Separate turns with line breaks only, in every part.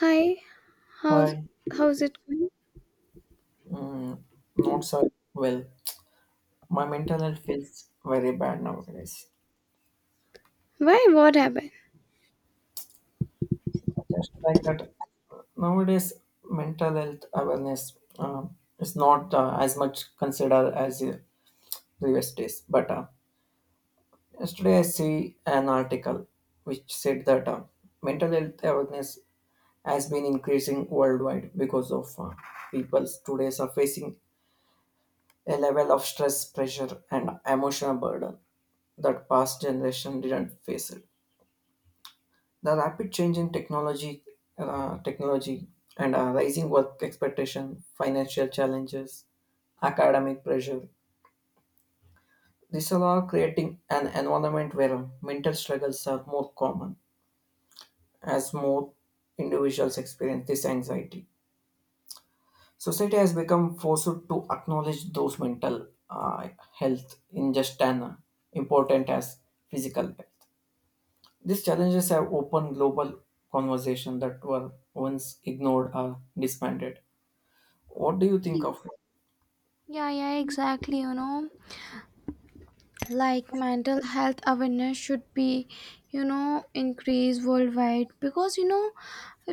Hi, how's
Hi,
how's it going?
mm, not so well. My mental health feels very bad nowadays.
Why? What happened?
Just like that, nowadays mental health awareness is not as much considered as previous days. But Yesterday I see an article which said that mental health awareness has been increasing worldwide because of people today are facing a level of stress, pressure, and emotional burden that past generation didn't face it. The rapid change in technology, technology and rising work expectation, financial challenges, academic pressure. These all are creating an environment where mental struggles are more common as more individuals experience this anxiety. Society has become forced to acknowledge those mental health in just an important as physical health. These challenges have opened global conversations that were once ignored or disbanded. What do you think of it?
Yeah, yeah, exactly. You know, like mental health awareness should be, you know, increased worldwide because, you know,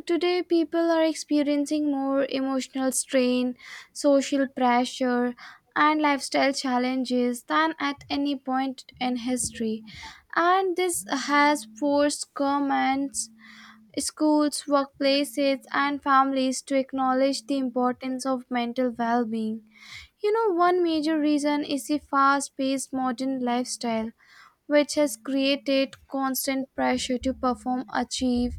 today people are experiencing more emotional strain, social pressure, and lifestyle challenges than at any point in history. And this has forced governments schools, workplaces, and families to acknowledge the importance of mental well being. You know, one major reason is the fast paced modern lifestyle, which has created constant pressure to perform, achieve,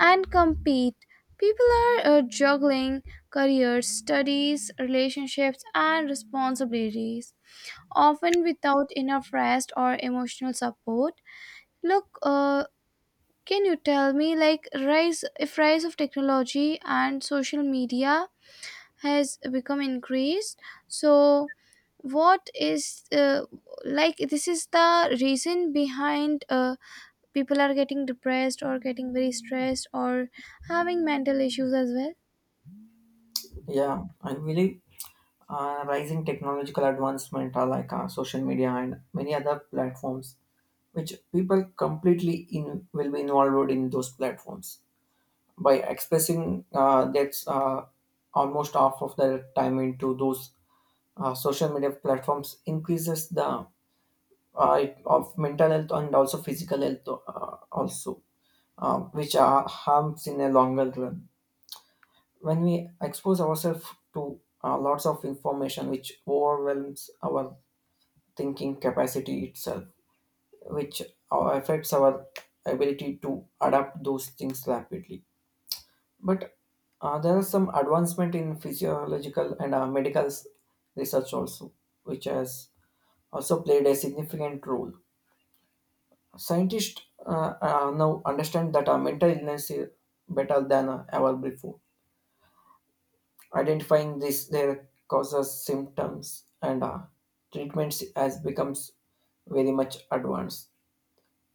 and compete. People are juggling careers, studies, relationships, and responsibilities, often without enough rest or emotional support. Look, can you tell me like rise if rise of technology and social media has become increased? So what is like this is the reason behind people are getting depressed or getting very stressed or having mental issues as well?
Yeah, I believe rising technological advancement are like social media and many other platforms, which people completely in will be involved in those platforms by expressing that's almost half of their time into those social media platforms increases the of mental health and also physical health also which are harms in a longer run. When we expose ourselves to lots of information, which overwhelms our thinking capacity itself, which affects our ability to adapt those things rapidly. But There are some advancement in physiological and research also, which has also played a significant role. Scientists now understand that our mental illness is better than ever before. Identifying this, their causes, symptoms, and treatments has becomes very much advanced.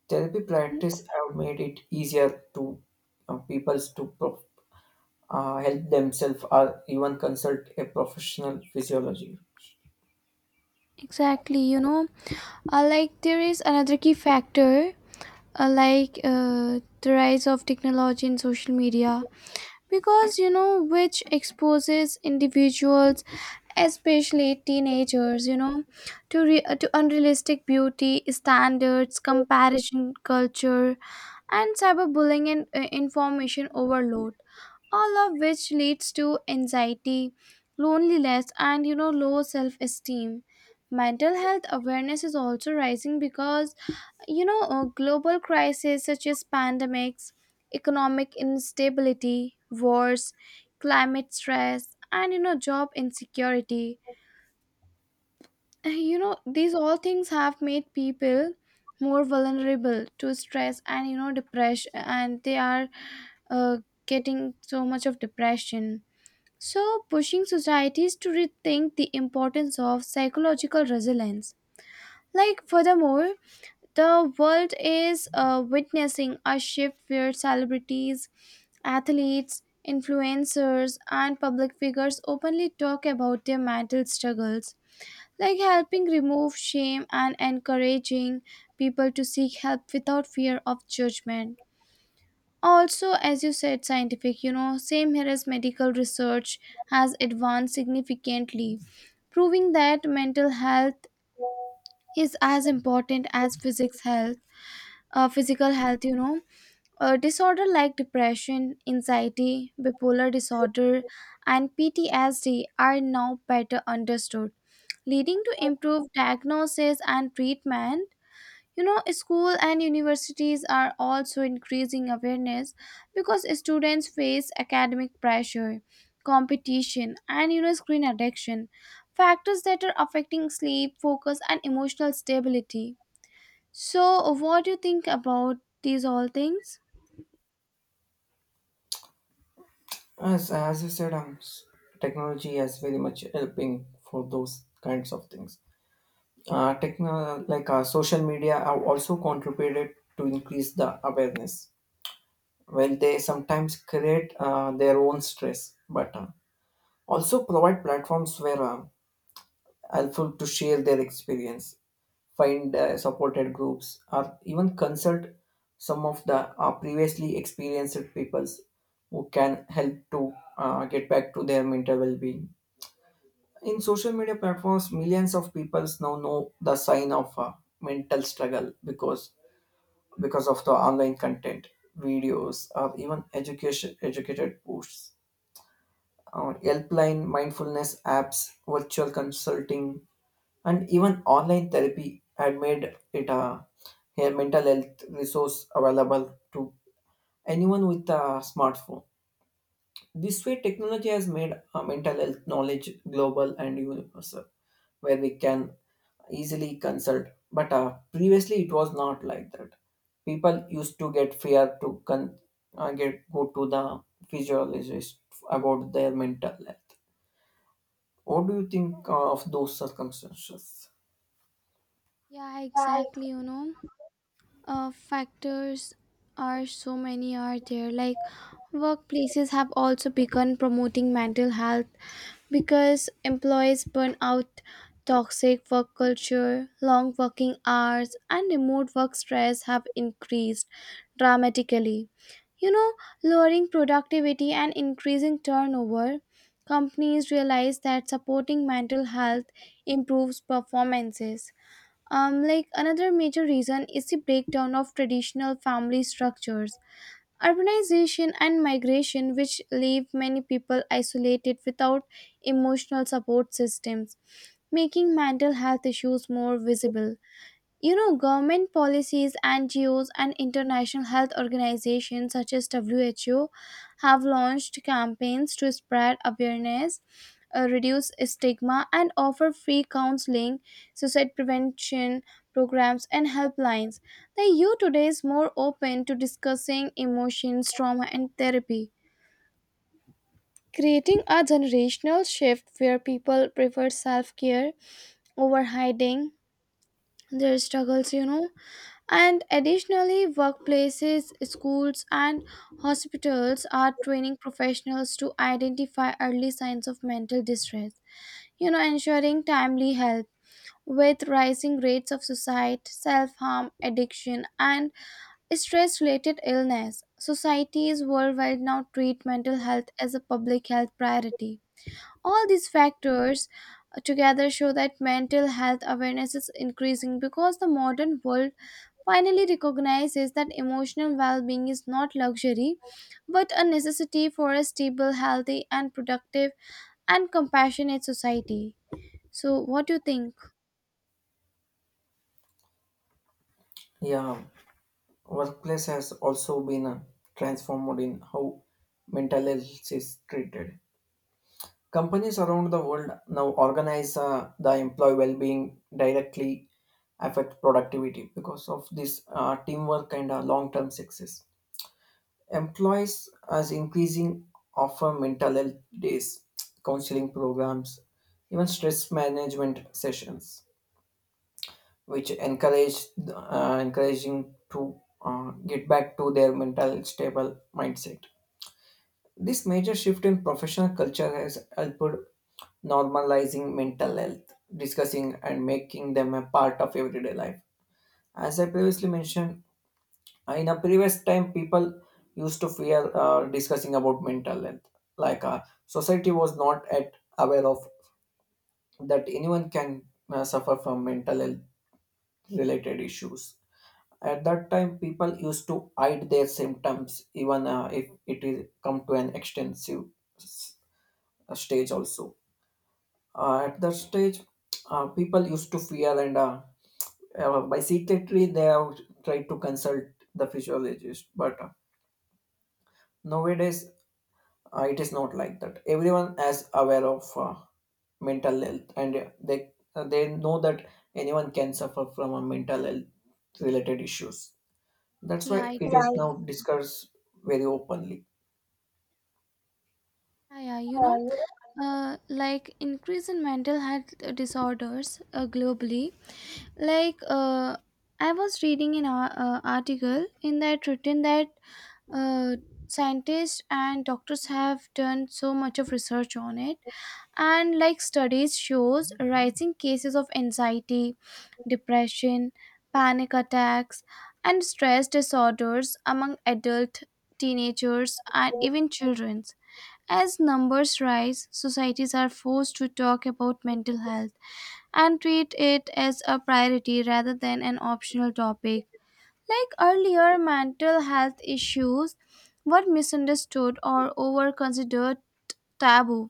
Therapy practice have made it easier to people to help themselves or even consult a professional physiology.
Exactly, you know, like there is another key factor, like the rise of technology and social media, because you know, which exposes individuals, especially teenagers, you know, to unrealistic beauty standards, comparison culture, and cyberbullying, and information overload, all of which leads to anxiety, loneliness, and you know, low self esteem. Mental health awareness is also rising because you know global crises such as pandemics, economic instability, wars, climate stress, and you know, job insecurity, you know, these all things have made people more vulnerable to stress and you know depression, and they are uh, getting so much of depression, so pushing societies to rethink the importance of psychological resilience. Like furthermore, the world is witnessing a shift where celebrities, athletes, influencers, and public figures openly talk about their mental struggles, like helping remove shame and encouraging people to seek help without fear of judgment. Also, as you said, scientific, you know, same here, as medical research has advanced significantly, proving that mental health is as important as physics health physical health. You know, a disorder like depression, anxiety, bipolar disorder, and ptsd are now better understood, leading to improved diagnosis and treatment. You know, school and universities are also increasing awareness because students face academic pressure, competition, and you know, screen addiction, factors that are affecting sleep, focus, and emotional stability. So, what do you think about these all things?
As you said, technology has very much helping for those kinds of things. Social media have also contributed to increase the awareness. Well, they sometimes create their own stress, but also provide platforms where helpful to share their experience, find supported groups, or even consult some of the previously experienced peoples who can help to get back to their mental well-being. In social media platforms, millions of people now know the sign of a mental struggle because of the online content, videos, or even education educated posts, helpline, mindfulness apps, virtual consulting, and even online therapy had made it a mental health resource available to anyone with a smartphone. This way, technology has made mental health knowledge global and universal, where we can easily consult. But Previously, it was not like that. People used to get fear to get go to the physiologist about their mental health. What do you think of those circumstances?
Yeah, exactly, you know. Factors are so many are there, like workplaces have also begun promoting mental health because employees burn out, toxic work culture, long working hours, and remote work stress have increased dramatically, you know, lowering productivity and increasing turnover. Companies realize that supporting mental health improves performances. Like another major reason is the breakdown of traditional family structures, urbanization, and migration, which leave many people isolated without emotional support systems, making mental health issues more visible. You know, government policies, NGOs, and international health organizations such as WHO have launched campaigns to spread awareness, reduce stigma, and offer free counseling, suicide prevention programs, and helplines. The youth today is more open to discussing emotions, trauma, and therapy. Creating a generational shift where people prefer self care over hiding their struggles, you know. And additionally, workplaces, schools, and hospitals are training professionals to identify early signs of mental distress, you know, ensuring timely help. With rising rates of suicide, self harm, addiction, and stress related illness, societies worldwide now treat mental health as a public health priority. All these factors together show that mental health awareness is increasing because the modern world finally recognizes that emotional well being is not luxury but a necessity for a stable, healthy, and productive and compassionate society. So, what do you think?
Yeah, workplace has also been transformed in how mental health is treated. Companies around the world now organize the employee well-being directly affect productivity because of this teamwork and long-term success. Employees as increasing offer mental health days, counseling programs, even stress management sessions which encouraged encouraging to get back to their mental stable mindset. This major shift in professional culture has helped normalizing mental health, discussing and making them a part of everyday life. As I previously mentioned, in a previous time, people used to fear discussing about mental health. Society was not at aware of that anyone can suffer from mental health related issues. At that time, people used to hide their symptoms, even if it is come to an extensive s- stage. Also, at that stage, people used to fear, and by secretly they have tried to consult the physiologist. But Nowadays, it is not like that. Everyone is aware of mental health, and they know that anyone can suffer from a mental health related issues. That's why
Yeah,
it is now
exactly.
discussed very openly.
Yeah, yeah, you
Uh,
know,
you
like increase in mental health disorders globally. Like, I was reading an article in that written that uh, scientists and doctors have done so much of research on it, and like studies shows rising cases of anxiety, depression, panic attacks, and stress disorders among adult, teenagers, and
know,
even children. As numbers rise, societies are forced to talk about mental health and treat it as a priority rather than an optional topic. Like earlier, mental health issues were misunderstood or over considered taboo.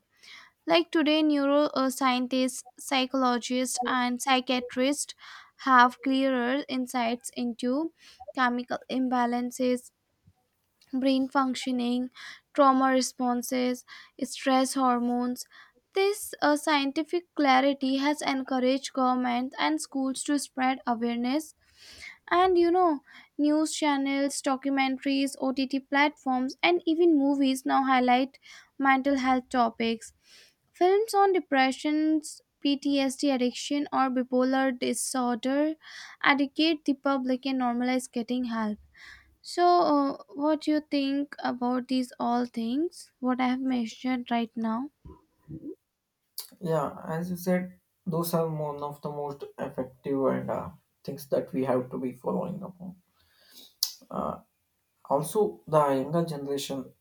Like today, neuroscientists, psychologists, and psychiatrists have clearer insights into chemical imbalances, brain functioning, trauma responses, stress hormones. This scientific clarity has encouraged governments and schools to spread awareness, and you know, news channels, documentaries, OTT platforms, and even movies now highlight mental health topics. Films on depression, PTSD addiction, or bipolar disorder educate the public and normalize getting help. So, what do you think about these all things? What I have mentioned right now?
Yeah, as you said, those are one of the most effective and things that we have to be following upon. Also, the younger generation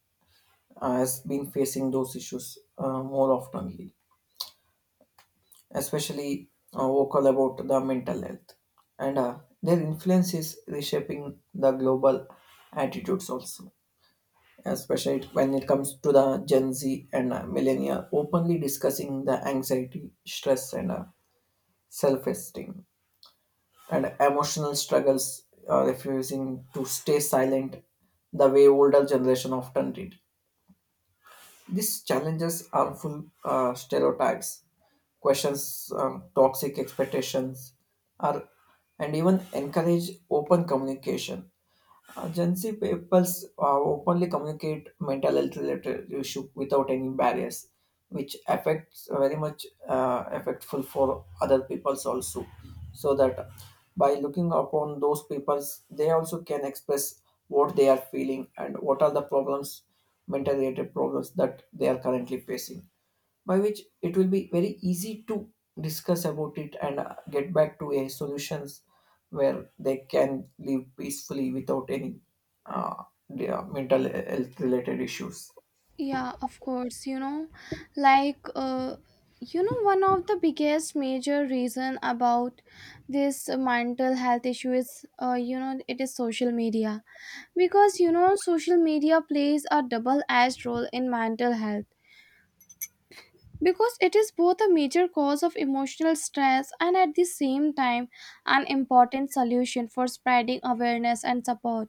has been facing those issues more oftenly, especially vocal about the mental health, and their influence is reshaping the global attitudes also, especially when it comes to the Gen Z and millennia, openly discussing the anxiety, stress, and self-esteem and emotional struggles, refusing to stay silent the way older generation often did. These challenges harmful stereotypes, questions, toxic expectations, are and even encourage open communication. Gen Z peoples openly communicate mental health related issue without any barriers, which affects very much affectful for other peoples also. So that by looking upon those peoples, they also can express what they are feeling and what are the problems, mental related problems that they are currently facing, by which it will be very easy to discuss about it and get back to a solutions where they can live peacefully without any uh, mental health related issues.
Yeah, of course. You know, like, uh, you know, one of the biggest major reason about this mental health issue is, you know, it is social media, because you know social media plays a double-edged role in mental health because it is both a major cause of emotional stress and at the same time an important solution for spreading awareness and support.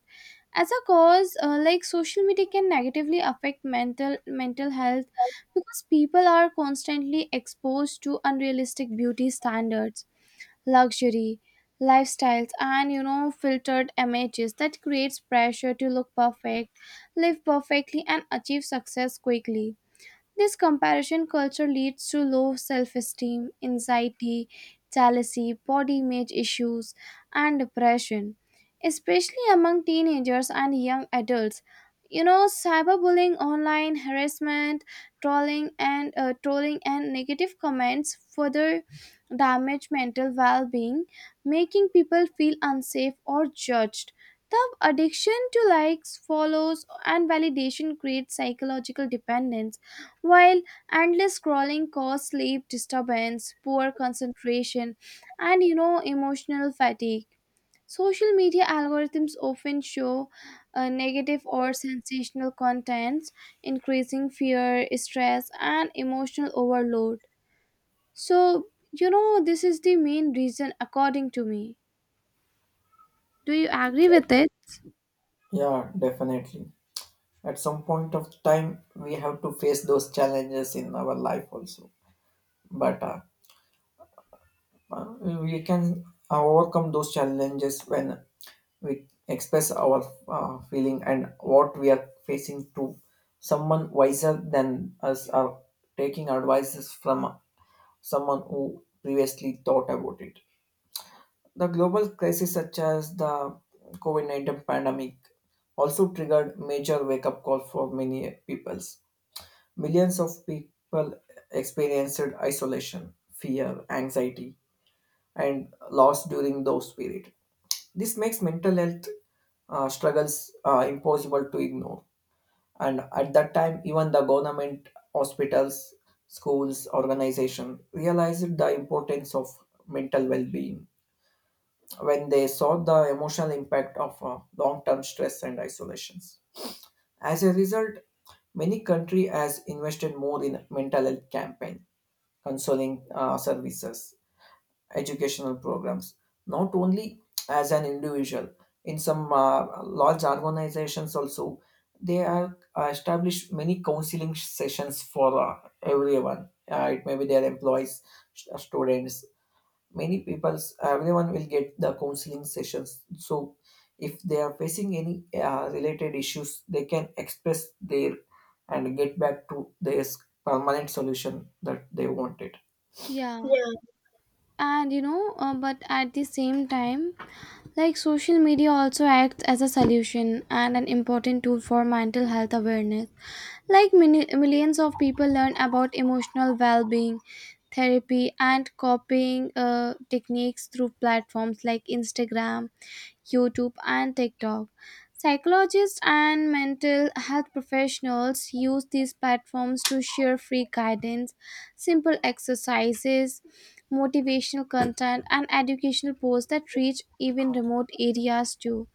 As a cause, like social media can negatively affect mental health because people are constantly exposed to unrealistic beauty standards, luxury lifestyles, and you know filtered images that creates pressure to look perfect, live perfectly, and achieve success quickly. This comparison culture leads to low self esteem, anxiety, jealousy, body image issues, and depression, especially among teenagers and young adults. You know, cyberbullying, online harassment, trolling, and negative comments further damage mental well-being, making people feel unsafe or judged. The addiction to likes, follows, and validation creates psychological dependence, while endless scrolling causes sleep disturbance, poor concentration, and you know emotional fatigue. Social media algorithms often show negative or sensational contents, increasing fear, stress, and emotional overload. So, you know, this is the main reason, according to me. Do you agree with it?
Yeah, definitely, at some point of time we have to face those challenges in our life also, but uh, we can overcome those challenges when we express our feeling and what we are facing to someone wiser than us or taking advices from someone who previously thought about it. The global crisis such as the COVID-19 pandemic also triggered major wake-up call for many peoples. Millions of people experienced isolation, fear, anxiety, and loss during those period. This makes mental health struggles impossible to ignore. And at that time, even the government, hospitals, schools, organization realized the importance of mental well-being when they saw the emotional impact of long-term stress and isolations. As a result, many country has invested more in mental health campaign, counseling services, educational programs, not only as an individual. In some large organizations, also they have established many counseling sessions for everyone. It may be their employees, students, many people. Everyone will get the counseling sessions. So if they are facing any related issues, they can express their and get back to their permanent solution that they wanted.
Yeah. And you know, but at the same time, like social media also acts as a solution and an important tool for mental health awareness. Like millions of people learn about emotional well-being, therapy, and coping techniques through platforms like Instagram, YouTube, and TikTok. Psychologists and mental health professionals use these platforms to share free guidance, simple exercises, motivational content, and educational posts that reach even remote areas too.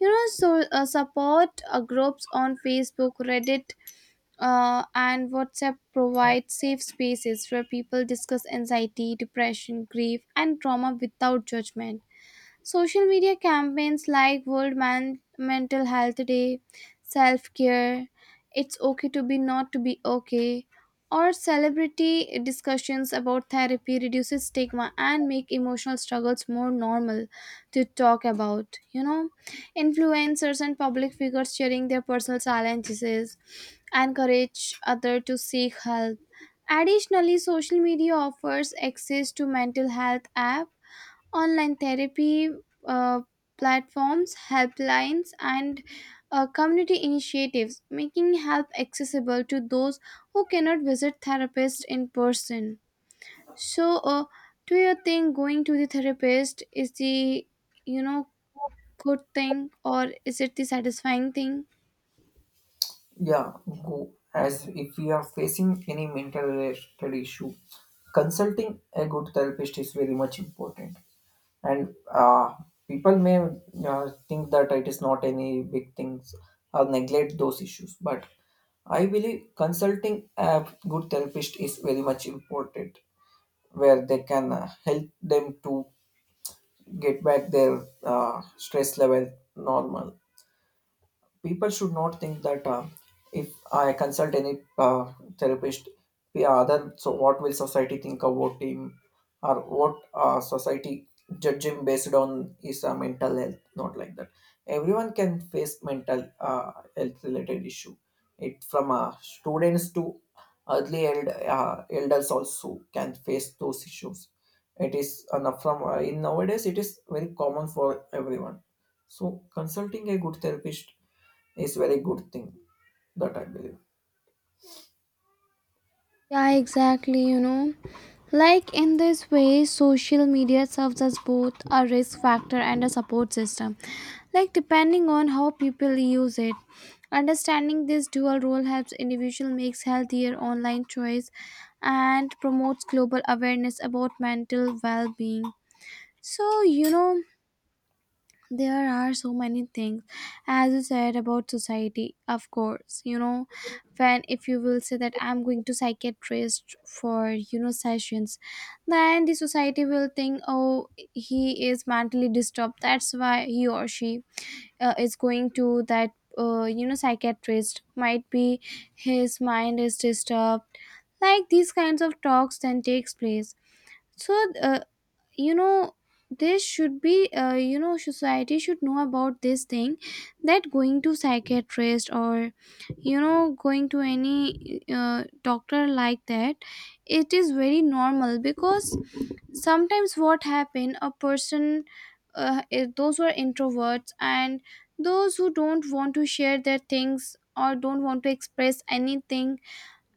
You know, so support groups on Facebook, Reddit, and WhatsApp provide safe spaces where people discuss anxiety, depression, grief, and trauma without judgment. Social media campaigns like Mental Health Day, Self Care, It's Okay to Be Not to Be Okay, or celebrity discussions about therapy reduces stigma and make emotional struggles more normal to talk about. You know, influencers and public figures sharing their personal challenges encourage others to seek help. Additionally, social media offers access to mental health apps, online therapy uh, platforms, helplines, and community initiatives, making help accessible to those who cannot visit therapists in person. So, do you think going to the therapist is the, you know, good thing or is it the satisfying thing?
Yeah, go as if we are facing any mental related issue, consulting a good therapist is very much important. And people may think that it is not any big things or neglect those issues, but I believe consulting a good therapist is very much important, where they can help them to get back their stress level normal. People should not think that if I consult any therapist, the other so what will society think about him or what society judge him based on his mental health. Not like that. Everyone can face mental health related issue. It from students to early elders also can face those issues. It is enough from in nowadays it is very common for everyone. So consulting a good therapist is very good thing that I believe.
Yeah, exactly. You know, like in this way, social media serves as both a risk factor and a support system, like depending on how people use it. Understanding this dual role helps individual makes healthier online choice and promotes global awareness about mental well-being. So, you know, there are so many things, as you said about society. Of course, you know, when if you will say that I'm going to psychiatrist for you know sessions, then the society will think, oh, he is mentally disturbed. That's why he or she is going to that you know psychiatrist. Might be his mind is disturbed. Like these kinds of talks then takes place. So you know this should be, you know, society should know about this thing, that going to psychiatrist or you know going to any doctor like that, it is very normal, because sometimes what happen a person, those who are introverts and those who don't want to share their things or don't want to express anything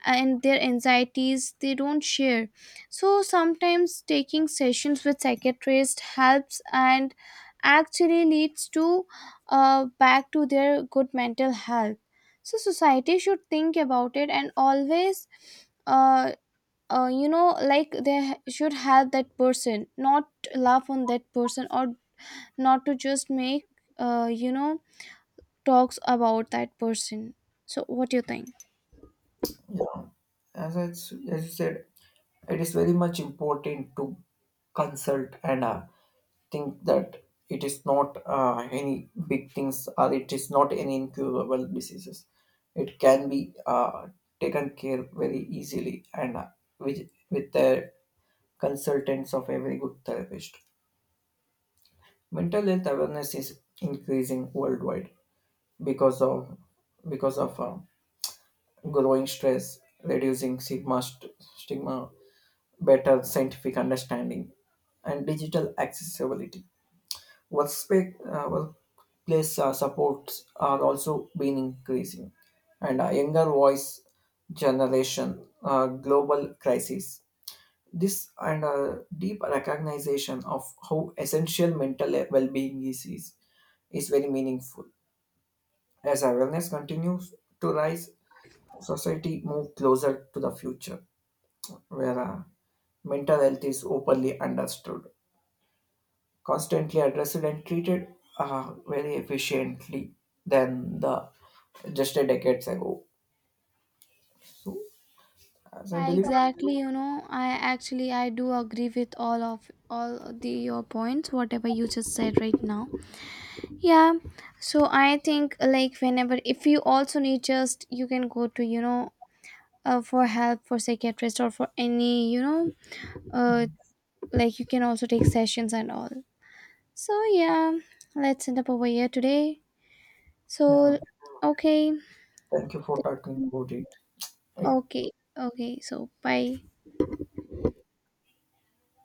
and their anxieties they don't share, so sometimes taking sessions with psychiatrist helps and actually leads to back to their good mental health. So society should think about it, and always uh, you know, like they should help that person, not laugh on that person, or not to just make you know talks about that person. So what do you think?
Yeah, as you said, it is very much important to consult and think that it is not any big things or it is not any incurable diseases. It can be taken care very easily and uh, with the consultants of every good therapist. Mental health awareness is increasing worldwide because of because of growing stress, reducing stigma, better scientific understanding, and digital accessibility. Workplace supports are also been increasing, and a younger voice generation, global crisis. This and a deep recognition of how essential mental well-being is, is very meaningful. As awareness continues to rise, society move closer to the future, where mental health is openly understood, constantly addressed, and treated very efficiently than the just a decades ago. So, as I
Yeah,
believe,
exactly. You know, I actually I do agree with all of the your points, whatever you just said right now. Yeah. So I think like whenever if you also need, just you can go to you know for help for psychiatrist or for any you know uh like you can also take sessions and all. So yeah, let's end up over here today.
yeah,
So okay,
thank you for talking about it. It
okay, okay. So bye.